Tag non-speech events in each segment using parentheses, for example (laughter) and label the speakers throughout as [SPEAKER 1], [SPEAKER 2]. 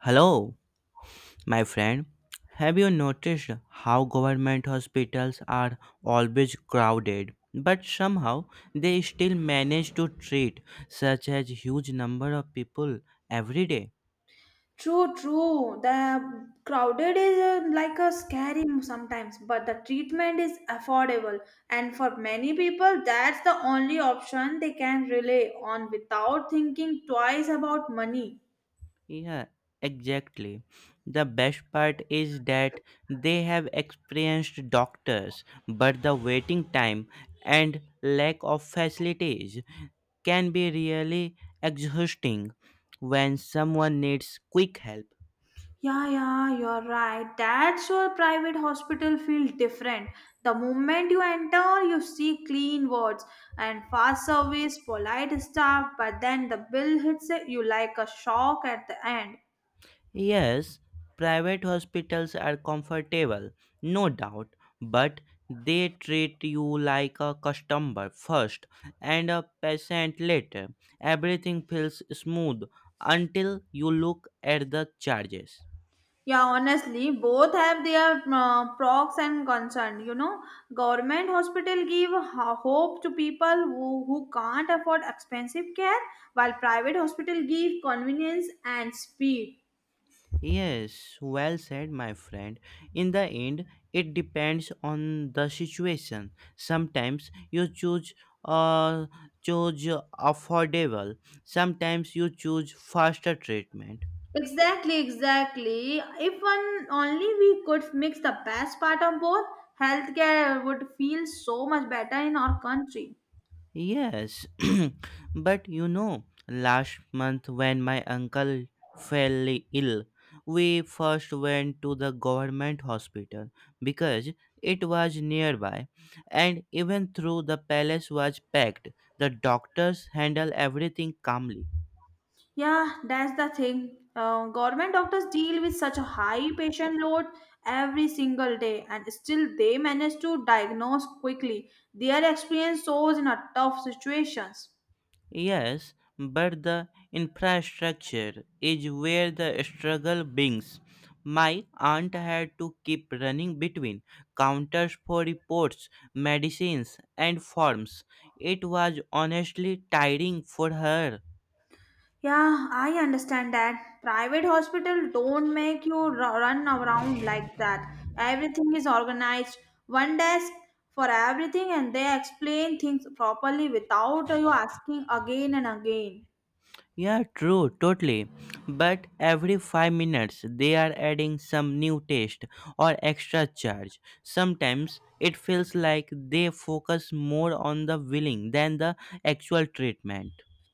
[SPEAKER 1] Hello, my friend. Have you noticed how government hospitals are always crowded, but somehow they still manage to treat such a huge number of people every day?
[SPEAKER 2] True, true. The crowded is like a scary sometimes, but the treatment is affordable. And for many people, that's the only option they can rely on without thinking twice about money.
[SPEAKER 1] Yeah, exactly. The best part is that they have experienced doctors, but the waiting time and lack of facilities can be really exhausting when someone needs quick help.
[SPEAKER 2] Yeah, yeah, you're right. That's your private hospital feel different. The moment you enter, you see clean wards and fast service, polite staff, but then the bill hits you like a shock at the end.
[SPEAKER 1] Yes, private hospitals are comfortable, no doubt, but they treat you like a customer first and a patient later. Everything feels smooth until you look at the charges.
[SPEAKER 2] Yeah, honestly, both have their pros and concern. You know, government hospital give hope to people who can't afford expensive care, while private hospital give convenience and speed.
[SPEAKER 1] Yes, well said, my friend. In the end, it depends on the situation. Sometimes you choose uh, choose affordable. Sometimes you choose faster treatment.
[SPEAKER 2] Exactly, exactly. If one only we could mix the best part of both, healthcare would feel so much better in our country.
[SPEAKER 1] Yes, (clears throat) but you know, last month when my uncle fell ill, we first went to the government hospital because it was nearby, and even though the palace was packed, the doctors handled everything calmly.
[SPEAKER 2] Yeah, that's the thing. Government doctors deal with such a high patient load every single day, and still they manage to diagnose quickly. Their experience shows in a tough situations.
[SPEAKER 1] Yes, but the infrastructure is where the struggle begins. My aunt had to keep running between counters for reports, medicines, and forms. It was honestly tiring for her.
[SPEAKER 2] Yeah, I understand that. Private hospital don't make you run around like that. Everything is organized. One desk for everything, and they explain things properly without you asking again and again.
[SPEAKER 1] Yeah, true, totally. But every 5 minutes they are adding some new test or extra charge. Sometimes it feels like they focus more on the billing than the actual treatment.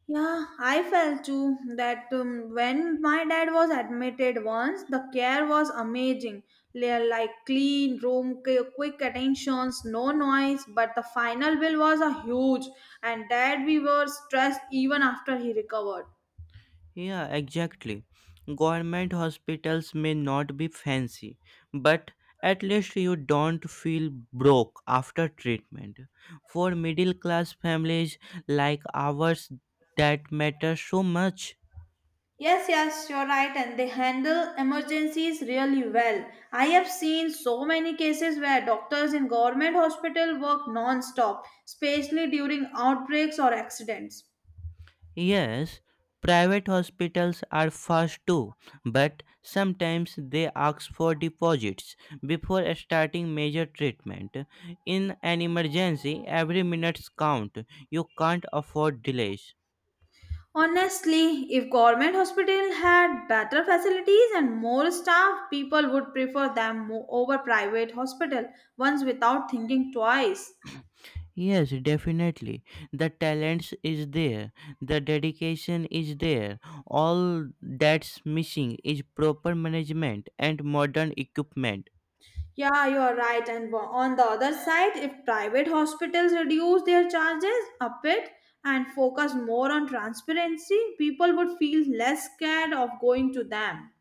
[SPEAKER 2] Yeah, I felt too that when my dad was admitted once, the care was amazing. Like clean room, quick attentions, no noise. But the final bill was a huge, and dad we were stressed even after he recovered.
[SPEAKER 1] Yeah, exactly. Government hospitals may not be fancy, but at least you don't feel broke after treatment. For middle class families like ours, that matters so much.
[SPEAKER 2] Yes, yes, you're right, and they handle emergencies really well. I have seen so many cases where doctors in government hospital work non-stop, especially during outbreaks or accidents.
[SPEAKER 1] Yes, private hospitals are fast too, but sometimes they ask for deposits before starting major treatment. In an emergency, every minute count. You can't afford delays.
[SPEAKER 2] Honestly, if government hospital had better facilities and more staff, people would prefer them over private hospital once without thinking twice.
[SPEAKER 1] Yes, definitely. The talents is there, the dedication is there. All that's missing is proper management and modern equipment.
[SPEAKER 2] Yeah, you are right. And on the other side, if private hospitals reduce their charges a bit and focus more on transparency, people would feel less scared of going to them.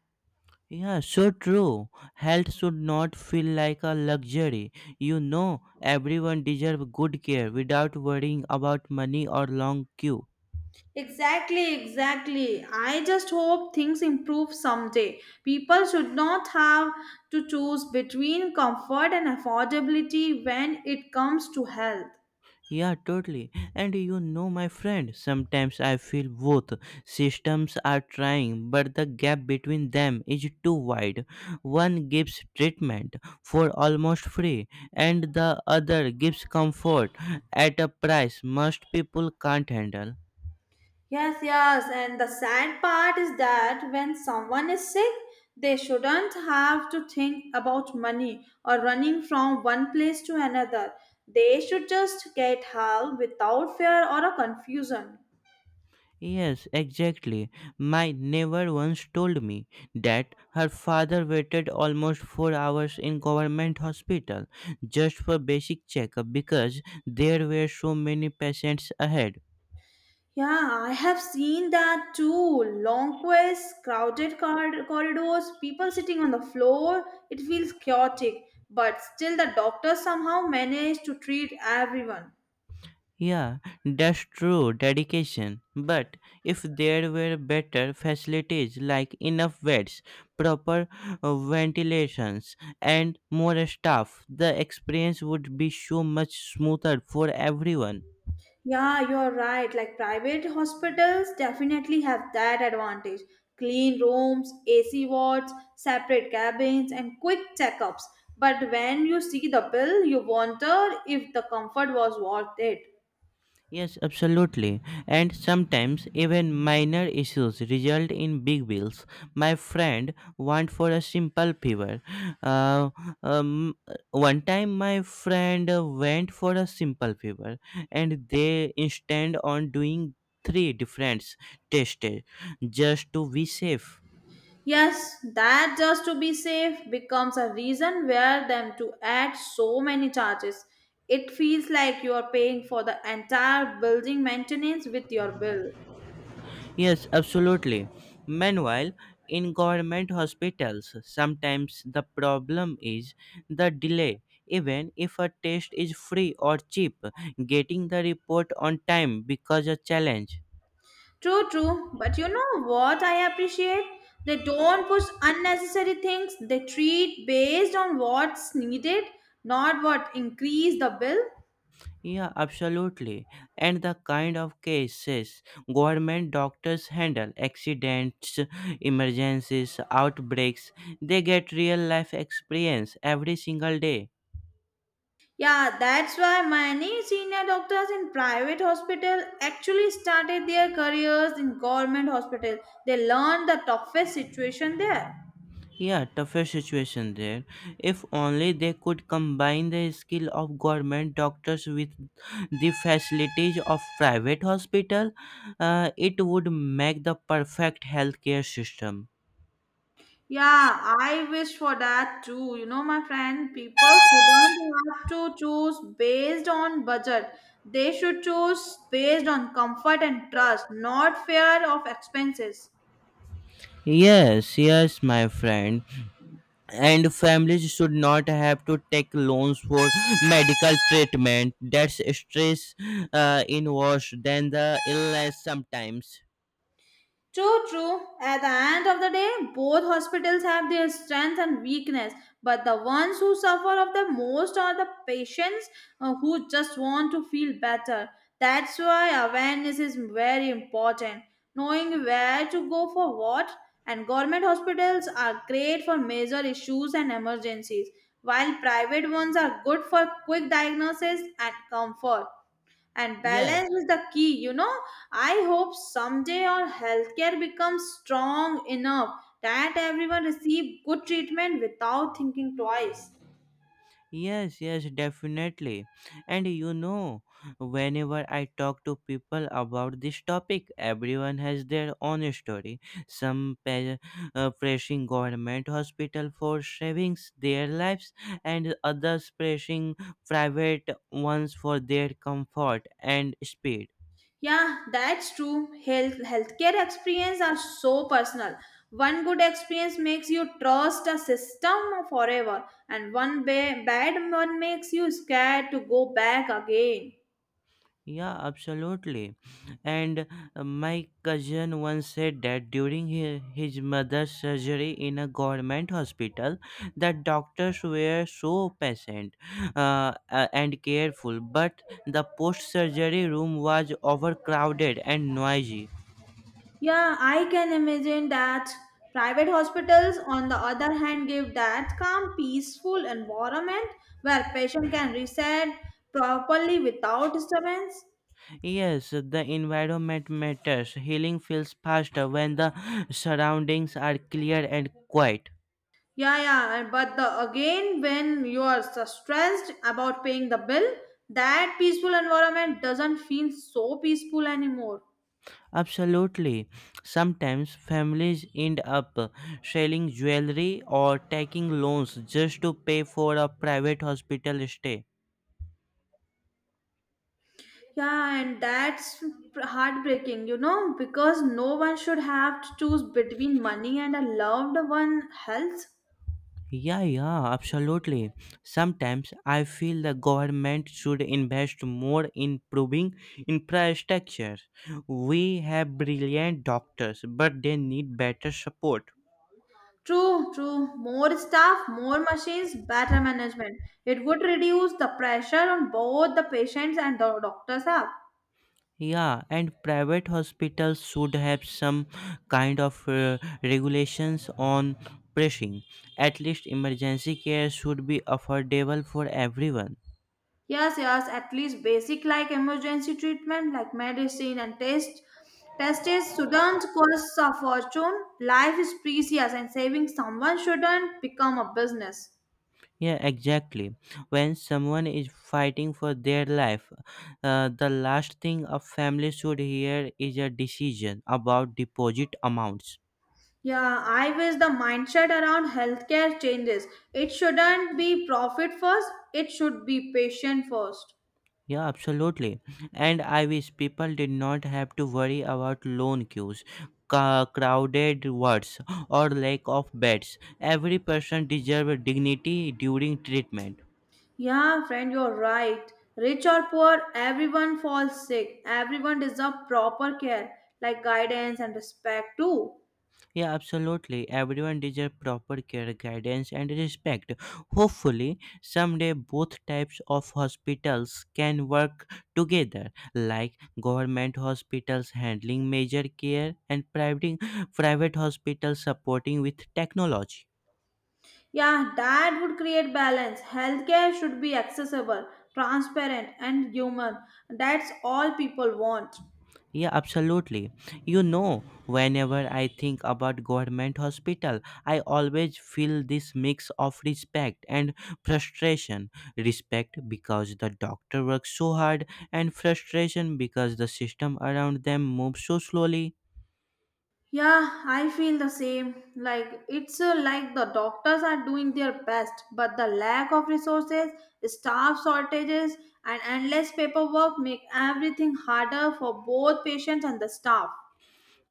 [SPEAKER 1] Yeah, so true. Health should not feel like a luxury. You know, everyone deserves good care without worrying about money or long queue.
[SPEAKER 2] Exactly, exactly. I just hope things improve someday. People should not have to choose between comfort and affordability when it comes to health.
[SPEAKER 1] Yeah, totally. And you know, my friend, sometimes I feel both systems are trying, but the gap between them is too wide. One gives treatment for almost free, and the other gives comfort at a price most people can't handle.
[SPEAKER 2] Yes, yes, and the sad part is that when someone is sick, they shouldn't have to think about money or running from one place to another. They should just get help without fear or a confusion.
[SPEAKER 1] Yes, exactly. My neighbor once told me that her father waited almost 4 hours in government hospital just for basic checkup because there were so many patients ahead.
[SPEAKER 2] Yeah, I have seen that too. Long queues, crowded corridors, people sitting on the floor. It feels chaotic, but still the doctors somehow manage to treat everyone.
[SPEAKER 1] Yeah, that's true dedication. But if there were better facilities like enough beds, proper ventilations, and more staff, the experience would be so much smoother for everyone.
[SPEAKER 2] Yeah, you're right. Like private hospitals definitely have that advantage. Clean rooms, AC wards, separate cabins, and quick checkups. But when you see the bill, you wonder if the comfort was worth it.
[SPEAKER 1] Yes, absolutely. And sometimes even minor issues result in big bills. My friend want for a simple fever. Uh, um, One time my friend went for a simple fever and they insisted on doing three different tests just to be safe.
[SPEAKER 2] Yes, that just to be safe becomes a reason where them to add so many charges. It feels like you are paying for the entire building maintenance with your bill.
[SPEAKER 1] Yes, absolutely. Meanwhile, in government hospitals, sometimes the problem is the delay. Even if a test is free or cheap, getting the report on time becomes a challenge.
[SPEAKER 2] True, true, but you know what I appreciate? They don't push unnecessary things. They treat based on what's needed, not what increase the bill.
[SPEAKER 1] Yeah, absolutely. And the kind of cases government doctors handle accidents, emergencies, outbreaks they get real life experience every single day.
[SPEAKER 2] Yeah, that's why many senior doctors in private hospital actually started their careers in government hospital. They learned the toughest situation there.
[SPEAKER 1] Yeah, tougher situation there. If only they could combine the skill of government doctors with the facilities of private hospital, it would make the perfect healthcare system.
[SPEAKER 2] Yeah, I wish for that too. You know, my friend, people shouldn't have to choose based on budget. They should choose based on comfort and trust, not fear of expenses.
[SPEAKER 1] Yes, yes, my friend. And families should not have to take loans for medical treatment. That's stress in worse than the illness sometimes.
[SPEAKER 2] True, true. At the end of the day, both hospitals have their strength and weakness, but the ones who suffer of the most are the patients who just want to feel better. That's why awareness is very important. Knowing where to go for what, and government hospitals are great for major issues and emergencies, while private ones are good for quick diagnosis and comfort and balance
[SPEAKER 1] Yes.
[SPEAKER 2] is the key you know. I hope someday our healthcare becomes strong enough that everyone receive good treatment without thinking twice.
[SPEAKER 1] Yes, yes, definitely. And you know, whenever I talk to people about this topic, everyone has their own story. Some pe- Pressing government hospital for savings their lives, and others pressing private ones for their comfort and speed.
[SPEAKER 2] Yeah, that's true healthcare experience are so personal. One good experience makes you trust a system forever, and one bad one makes you scared to go back again.
[SPEAKER 1] Yeah, absolutely. And my cousin once said that during his mother's surgery in a government hospital, the doctors were so patient and careful, but the post surgery room was overcrowded and noisy.
[SPEAKER 2] Yeah, I can imagine that. Private hospitals, on the other hand, give that calm, peaceful environment where patient can reset properly without disturbance.
[SPEAKER 1] Yes, the environment matters. Healing feels faster when the surroundings are clear and quiet.
[SPEAKER 2] Yeah, yeah, but the again, when you are so stressed about paying the bill, that peaceful environment doesn't feel so peaceful anymore.
[SPEAKER 1] Absolutely. Sometimes families end up selling jewelry or taking loans just to pay for a private hospital stay.
[SPEAKER 2] Yeah, and that's heartbreaking, you know, because no one should have to choose between money and a loved one health.
[SPEAKER 1] Yeah, yeah, absolutely. Sometimes I feel the government should invest more in improving infrastructure. We have brilliant doctors, but they need better support.
[SPEAKER 2] True, true. More staff, more machines, better management. It would reduce the pressure on both the patients and the doctors up.
[SPEAKER 1] Yeah, and private hospitals should have some kind of regulations on pricing. At least emergency care should be affordable for everyone.
[SPEAKER 2] Yes, yes, at least basic like emergency treatment like medicine and tests shouldn't cost a fortune. Life is precious and saving someone shouldn't become a business.
[SPEAKER 1] Yeah, exactly. When someone is fighting for their life, the last thing a family should hear is a decision about deposit amounts.
[SPEAKER 2] Yeah, I wish the mindset around healthcare changes. It shouldn't be profit first, it should be patient first.
[SPEAKER 1] Yeah, absolutely. And I wish people did not have to worry about loan queues, crowded wards, or lack of beds. Every person deserves dignity during treatment.
[SPEAKER 2] Yeah, friend, you're right. Rich or poor, everyone falls sick. Everyone deserves proper care, like guidance and respect too.
[SPEAKER 1] Yeah, absolutely. Everyone deserves proper care, guidance, and respect. Hopefully, someday both types of hospitals can work together, like government hospitals handling major care and private hospitals supporting with technology.
[SPEAKER 2] Yeah, that would create balance. Healthcare should be accessible, transparent, and human. That's all people want.
[SPEAKER 1] Yeah, absolutely. You know, whenever I think about government hospital, I always feel this mix of respect and frustration. Respect because the doctor works so hard and frustration because the system around them moves so slowly.
[SPEAKER 2] Yeah, I feel the same. Like it's like the doctors are doing their best, but the lack of resources, staff shortages, and endless paperwork make everything harder for both patients and the staff.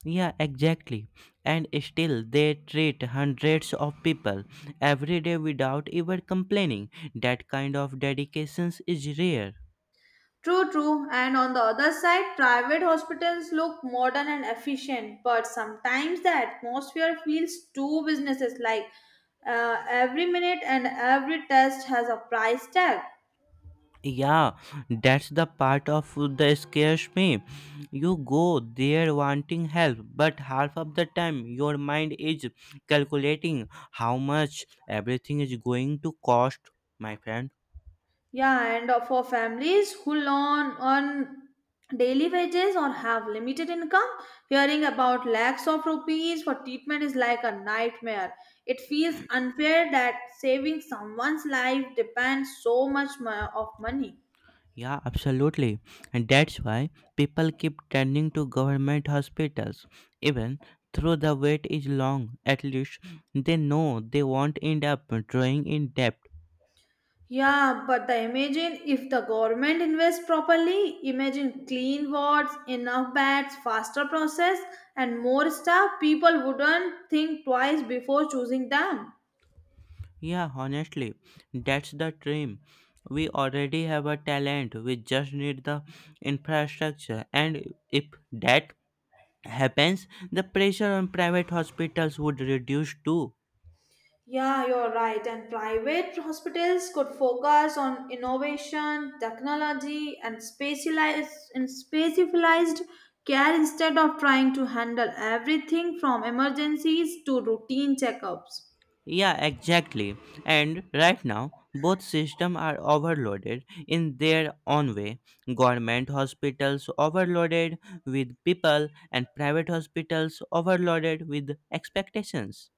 [SPEAKER 1] Yeah, exactly. And still they treat hundreds of people every day without ever complaining. That kind of dedication is rare.
[SPEAKER 2] True, true. And on the other side, private hospitals look modern and efficient, but sometimes the atmosphere feels too businesses like every minute and every test has a price tag.
[SPEAKER 1] Yeah, that's the part of the scares me. You go there wanting help, but half of the time your mind is calculating how much everything is going to cost, my friend.
[SPEAKER 2] Yeah, and for families who learn on daily wages or have limited income, hearing about lakhs of rupees for treatment is like a nightmare. It feels unfair that saving someone's life depends so much of money.
[SPEAKER 1] Yeah, absolutely. And that's why people keep turning to government hospitals, even though the wait is long. At least they know they won't end up drawing in debt.
[SPEAKER 2] Yeah, but the imagine if the government invests properly, imagine clean wards, enough beds, faster process, and more staff, people wouldn't think twice before choosing them.
[SPEAKER 1] Yeah, honestly, that's the dream. We already have a talent, we just need the infrastructure. And if that happens, the pressure on private hospitals would reduce too.
[SPEAKER 2] Yeah, you're right. And private hospitals could focus on innovation, technology, and specialized care instead of trying to handle everything from emergencies to routine checkups.
[SPEAKER 1] Yeah, exactly. And right now, both systems are overloaded in their own way. Government hospitals overloaded with people, and private hospitals overloaded with expectations.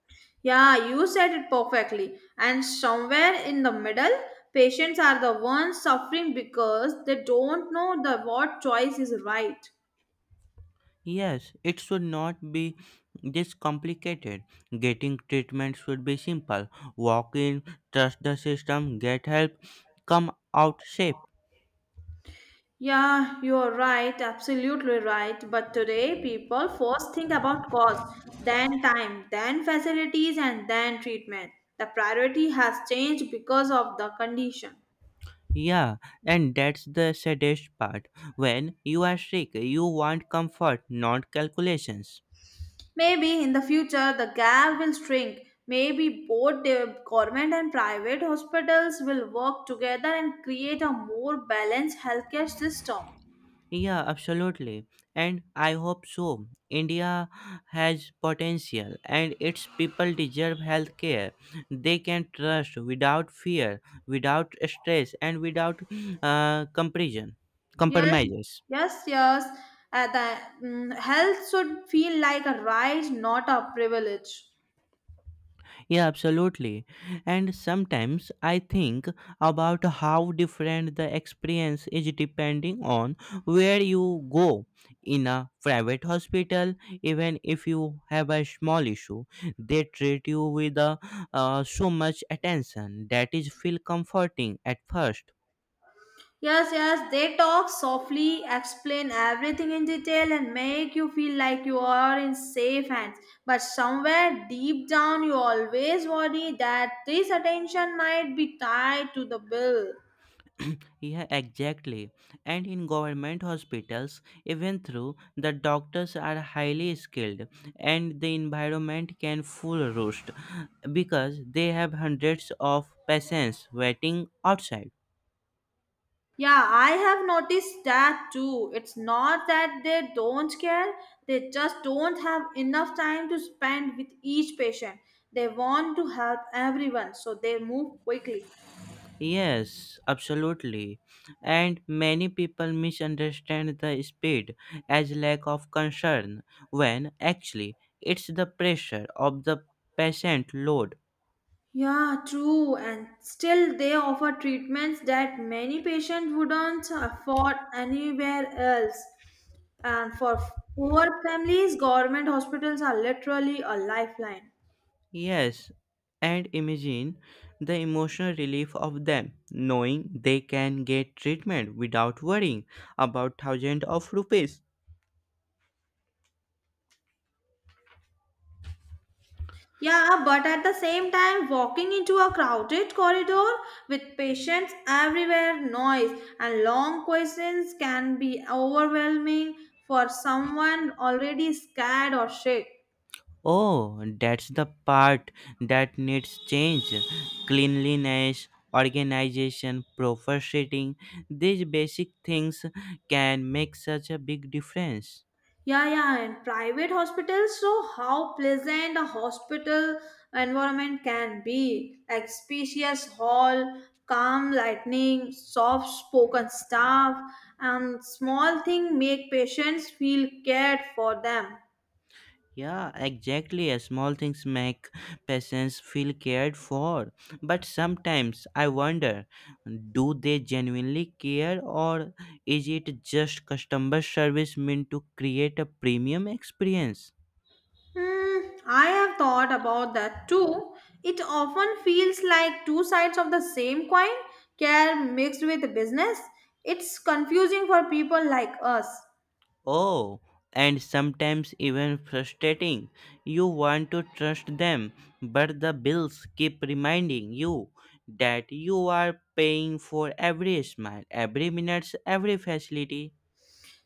[SPEAKER 2] Yeah, you said it perfectly. And somewhere in the middle, patients are the ones suffering because they don't know the what choice is right.
[SPEAKER 1] Yes, it should not be this complicated. Getting treatment should be simple. Walk in, trust the system, get help, come out safe.
[SPEAKER 2] Yeah, you're right, absolutely right. But today, people first think about cost, then time, then facilities, and then treatment. The priority has changed because of the condition.
[SPEAKER 1] Yeah, and that's the saddest part. When you are sick, you want comfort, not calculations.
[SPEAKER 2] Maybe in the future, the gap will shrink. Maybe both the government and private hospitals will work together and create a more balanced healthcare system.
[SPEAKER 1] Yeah, absolutely. And I hope so. India has potential and its people deserve health care. They can trust without fear, without stress, and without comparison.
[SPEAKER 2] Yes,
[SPEAKER 1] Compromises.
[SPEAKER 2] yes, yes. The health should feel like a right, not a privilege.
[SPEAKER 1] Yeah, absolutely. And sometimes I think about how different the experience is depending on where you go. In a private hospital, even if you have a small issue, they treat you with so much attention that is feel comforting at first.
[SPEAKER 2] Yes, yes, they talk softly, explain everything in detail, and make you feel like you are in safe hands. But somewhere deep down, you always worry that this attention might be tied to the bill.
[SPEAKER 1] Yeah, exactly. And in government hospitals, even though the doctors are highly skilled and the environment can full roast because they have hundreds of patients waiting outside.
[SPEAKER 2] Yeah, I have noticed that too. It's not that they don't care, they just don't have enough time to spend with each patient. They want to help everyone, so they move quickly.
[SPEAKER 1] Yes, absolutely. And many people misunderstand the speed as lack of concern when actually it's the pressure of the patient load.
[SPEAKER 2] Yeah, true. And still, they offer treatments that many patients wouldn't afford anywhere else. And for poor families, government hospitals are literally a lifeline.
[SPEAKER 1] Yes, and imagine the emotional relief of them knowing they can get treatment without worrying about thousands of rupees.
[SPEAKER 2] Yeah, but at the same time, walking into a crowded corridor with patients everywhere, noise and long questions can be overwhelming for someone already scared or sick.
[SPEAKER 1] Oh, that's the part that needs change. Cleanliness, organization, proper seating, these basic things can make such a big difference.
[SPEAKER 2] Yeah, yeah, and private hospitals show how pleasant a hospital environment can be. Like spacious hall, calm lighting, soft spoken staff, and small thing make patients feel cared for them.
[SPEAKER 1] Yeah, exactly. Small things make patients feel cared for. But sometimes I wonder do they genuinely care or is it just customer service meant to create a premium experience?
[SPEAKER 2] Hmm, I have thought about that too. It often feels like two sides of the same coin, care mixed with business. It's confusing for people like us.
[SPEAKER 1] Oh, and sometimes even frustrating. You want to trust them, but the bills keep reminding you that you are paying for every smile, every minute, every facility.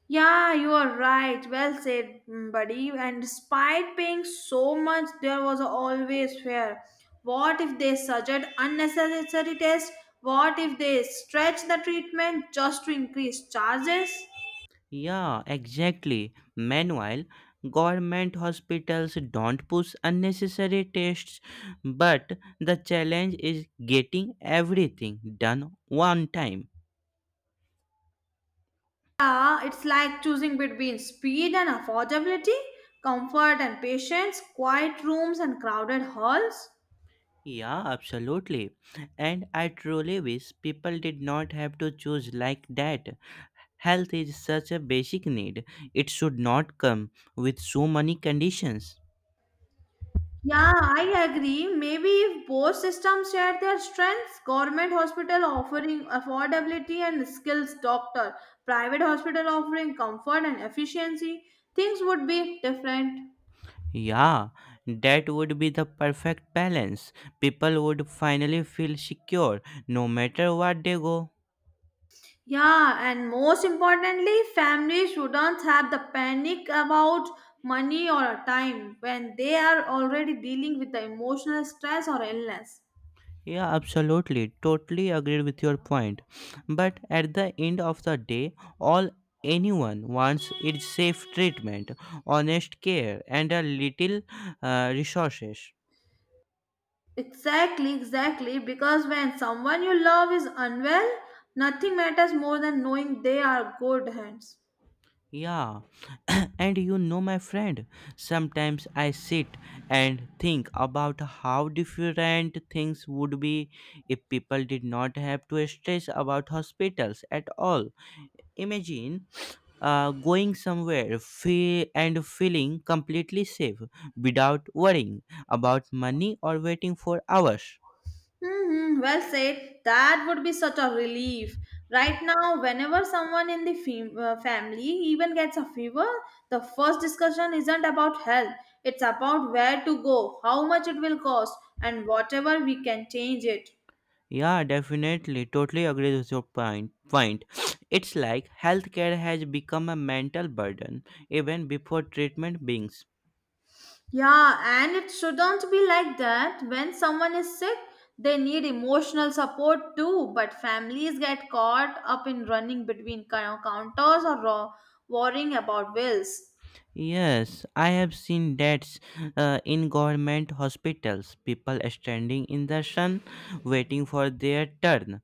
[SPEAKER 2] Yeah, you are right. Well said, buddy. And despite paying so much, there was always fear. What if they suggest unnecessary tests? What if they stretch the treatment just to increase charges?
[SPEAKER 1] Yeah, exactly. Meanwhile, government hospitals don't push unnecessary tests, but the challenge is getting everything done one time.
[SPEAKER 2] Yeah, it's like choosing between speed and affordability, comfort and patience, quiet rooms and crowded halls.
[SPEAKER 1] Yeah, absolutely. And I truly wish people did not have to choose like that. Health is such a basic need, it should not come with so many conditions.
[SPEAKER 2] Yeah, I agree. Maybe if both systems share their strengths, government hospital offering affordability and skills doctor, private hospital offering comfort and efficiency, things would be different.
[SPEAKER 1] Yeah, that would be the perfect balance. People would finally feel secure no matter what they go.
[SPEAKER 2] Yeah, and most importantly, families shouldn't have the panic about money or time when they are already dealing with the emotional stress or illness.
[SPEAKER 1] Yeah, absolutely. Totally agree with your point. But at the end of the day, all anyone wants is safe treatment, honest care, and a little resources.
[SPEAKER 2] Exactly, exactly. Because when someone you love is unwell, nothing matters more than knowing they are good hands.
[SPEAKER 1] Yeah, (coughs) (clears throat) and you know, my friend, sometimes I sit and think about how different things would be if people did not have to stress about hospitals at all. Imagine going somewhere and feeling completely safe without worrying about money or waiting for hours.
[SPEAKER 2] Hmm, well said. That would be such a relief. Right now, whenever someone in the family even gets a fever, the first discussion isn't about health. It's about where to go, how much it will cost, and whatever we can change it.
[SPEAKER 1] Yeah, definitely. Totally agree with your point. Point. It's like healthcare has become a mental burden even before treatment begins.
[SPEAKER 2] Yeah, and it shouldn't be like that. When someone is sick, they need emotional support too, but families get caught up in running between counters or worrying about bills.
[SPEAKER 1] Yes, I have seen deaths in government hospitals. People standing in the sun, waiting for their turn,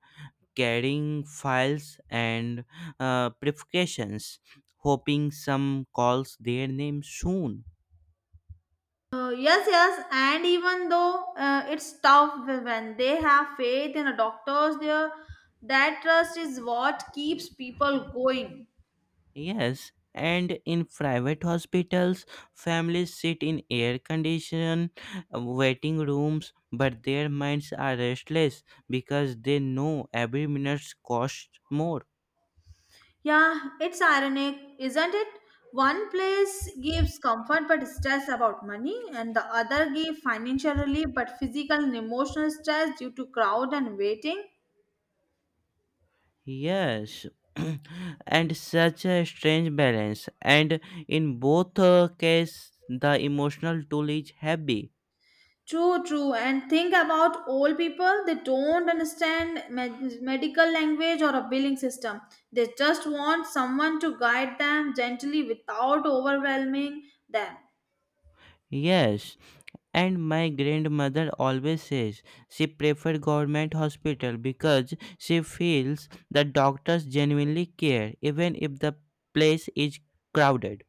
[SPEAKER 1] carrying files and prescriptions, hoping some calls their name soon.
[SPEAKER 2] Yes, yes, and even though it's tough when they have faith in a doctor's there, that trust is what keeps people going.
[SPEAKER 1] Yes, and in private hospitals, families sit in air conditioned waiting rooms, but their minds are restless because they know every minute costs more.
[SPEAKER 2] Yeah, it's ironic, isn't it? One place gives comfort but stress about money, and the other gives financial relief but physical and emotional stress due to crowd and waiting.
[SPEAKER 1] Yes, (clears throat) and such a strange balance. And in both cases, the emotional toll is heavy.
[SPEAKER 2] True, true. And think about old people. They don't understand medical language or a billing system. They just want someone to guide them gently without overwhelming them.
[SPEAKER 1] Yes, and my grandmother always says she prefers government hospital because she feels the doctors genuinely care even if the place is crowded.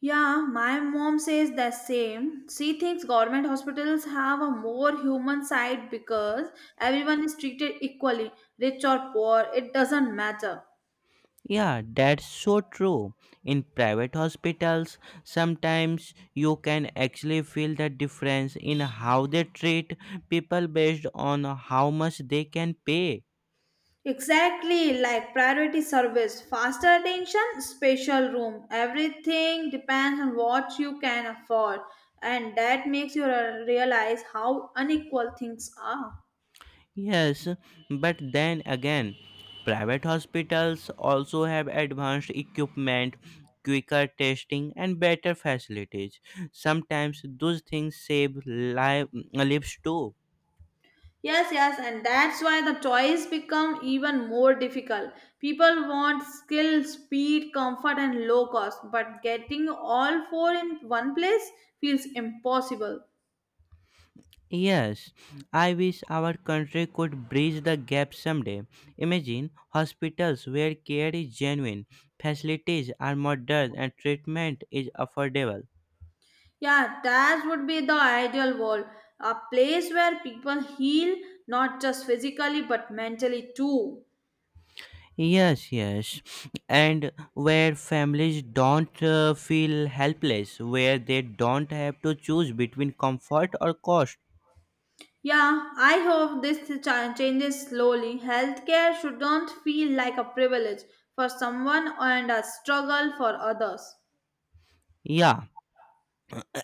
[SPEAKER 2] Yeah, my mom says the same. She thinks government hospitals have a more human side because everyone is treated equally, rich or poor, it doesn't matter.
[SPEAKER 1] Yeah, that's so true. In private hospitals, sometimes you can actually feel the difference in how they treat people based on how much they can pay.
[SPEAKER 2] Exactly like priority service, faster attention, special room. Everything depends on what you can afford, and that makes you realize how unequal things are.
[SPEAKER 1] Yes, but then again, private hospitals also have advanced equipment, quicker testing, and better facilities. Sometimes those things save lives too.
[SPEAKER 2] Yes, yes, and that's why the toys become even more difficult. People want skill, speed, comfort, and low cost, but getting all four in one place feels impossible.
[SPEAKER 1] Yes, I wish our country could bridge the gap someday. Imagine hospitals where care is genuine, facilities are modern, and treatment is affordable.
[SPEAKER 2] Yeah, that would be the ideal world a place where people heal not just physically but mentally too.
[SPEAKER 1] Yes, yes. And where families don't feel helpless, where they don't have to choose between comfort or cost.
[SPEAKER 2] Yeah, I hope this changes slowly. Healthcare shouldn't feel like a privilege for someone and a struggle for others.
[SPEAKER 1] Yeah,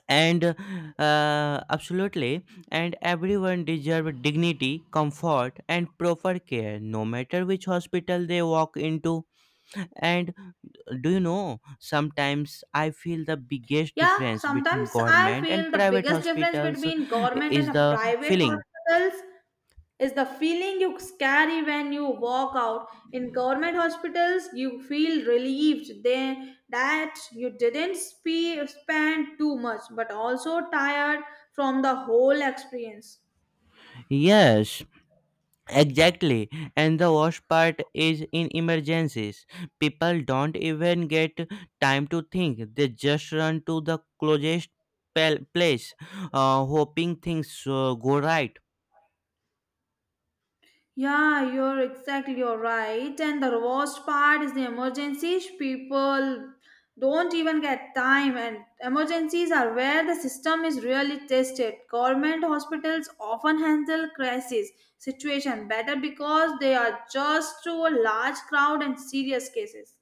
[SPEAKER 1] and absolutely. And everyone deserves dignity, comfort, and proper care, no matter which hospital they walk into. And do you know, sometimes I feel the biggest
[SPEAKER 2] Yeah,
[SPEAKER 1] difference between
[SPEAKER 2] sometimes I
[SPEAKER 1] government
[SPEAKER 2] feel
[SPEAKER 1] and
[SPEAKER 2] the
[SPEAKER 1] private
[SPEAKER 2] biggest difference
[SPEAKER 1] hospitals
[SPEAKER 2] between government and
[SPEAKER 1] is
[SPEAKER 2] a
[SPEAKER 1] the
[SPEAKER 2] private
[SPEAKER 1] feeling.
[SPEAKER 2] hospitals is the feeling you carry when you walk out. In government hospitals, you feel relieved they, that you didn't spend too much, but also tired from the whole experience.
[SPEAKER 1] Yes, exactly, and the worst part is in emergencies, people don't even get time to think, they just run to the closest place, hoping things go right.
[SPEAKER 2] Yeah, you're right. And the worst part is the emergencies. People don't even get time, and emergencies are where the system is really tested. Government hospitals often handle crisis situation better because they are just to a large crowd and serious cases.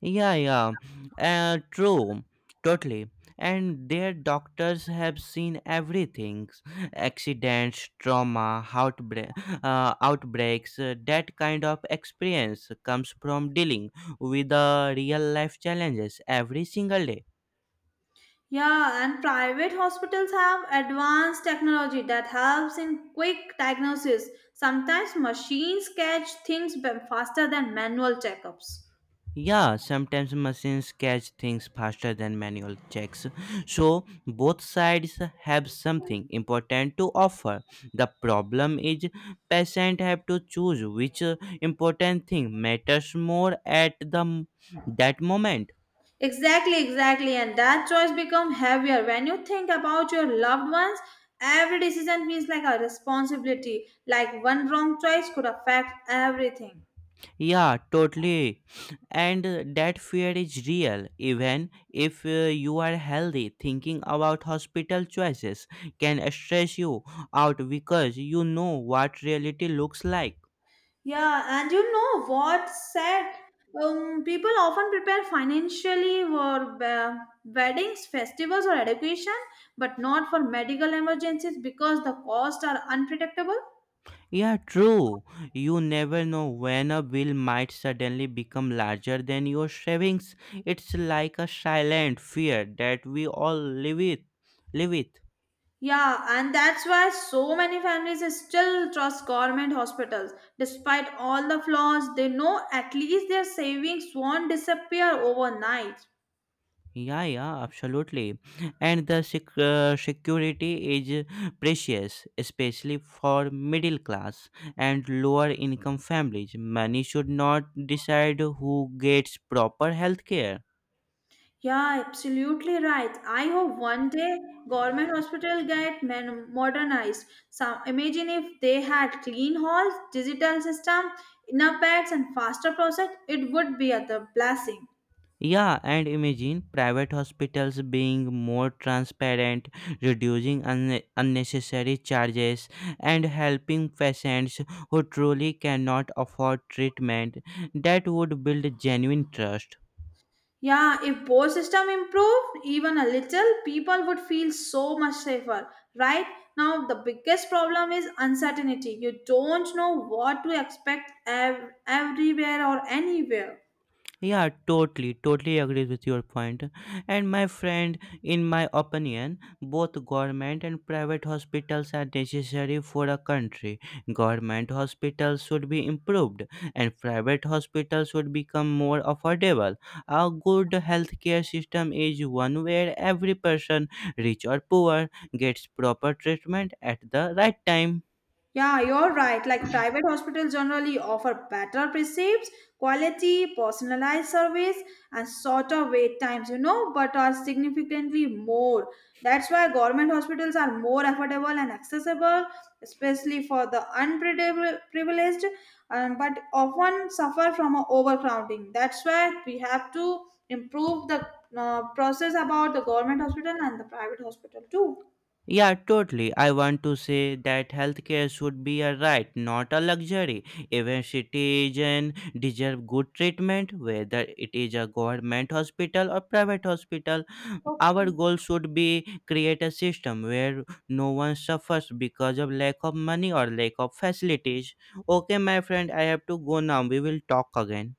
[SPEAKER 1] Yeah, yeah, true, totally. And their doctors have seen everything accidents, trauma, outbreaks. That kind of experience comes from dealing with the real life challenges every single day.
[SPEAKER 2] Yeah, and private hospitals have advanced technology that helps in quick diagnosis. Sometimes machines catch things faster than manual checkups.
[SPEAKER 1] Yeah, sometimes machines catch things faster than manual checks. So, both sides have something important to offer. The problem is patient have to choose which important thing matters more at that moment.
[SPEAKER 2] Exactly, exactly. And that choice become heavier when you think about your loved ones. Every decision feels like a responsibility, like one wrong choice could affect everything.
[SPEAKER 1] Yeah, totally. And that fear is real even if you are healthy. Thinking about hospital choices can stress you out because you know what reality looks like.
[SPEAKER 2] Yeah, and you know what said? People often prepare financially for weddings, festivals, or education, but not for medical emergencies because the costs are unpredictable.
[SPEAKER 1] Yeah, true. You never know when a bill might suddenly become larger than your savings. It's like a silent fear that we all live with. Live with.
[SPEAKER 2] Yeah, and that's why so many families still trust government hospitals. Despite all the flaws, they know at least their savings won't disappear overnight.
[SPEAKER 1] Yeah, yeah, absolutely. And the security is precious, especially for middle class and lower income families. Money should not decide who gets proper health care.
[SPEAKER 2] Yeah, absolutely right. I hope one day government hospital get modernized. Some imagine if they had clean halls, digital system, enough beds, and faster process, it would be a the blessing.
[SPEAKER 1] Yeah, and imagine private hospitals being more transparent, reducing un unnecessary charges, and helping patients who truly cannot afford treatment. That would build genuine trust.
[SPEAKER 2] Yeah, if poll system improved even a little, people would feel so much safer. Right now, the biggest problem is uncertainty. You don't know what to expect everywhere or anywhere.
[SPEAKER 1] Yeah, totally, totally agree with your point. And my friend, in my opinion, both government and private hospitals are necessary for a country. Government hospitals should be improved, and private hospitals should become more affordable. A good healthcare system is one where every person, rich or poor, gets proper treatment at the right time.
[SPEAKER 2] Yeah, you're right. Like private hospitals generally offer better precepts, quality, personalized service, and shorter wait times, you know, but are significantly more. That's why government hospitals are more affordable and accessible, especially for the unprivileged, but often suffer from a overcrowding. That's why we have to improve the process about the government hospital and the private hospital too.
[SPEAKER 1] Yeah, totally. I want to say that healthcare should be a right, not a luxury. Even citizens deserve good treatment, whether it is a government hospital or private hospital. Our
[SPEAKER 2] Okay.
[SPEAKER 1] goal should be create a system where no one suffers because of lack of money or lack of facilities. Okay, my friend, I have to go now. We will talk again.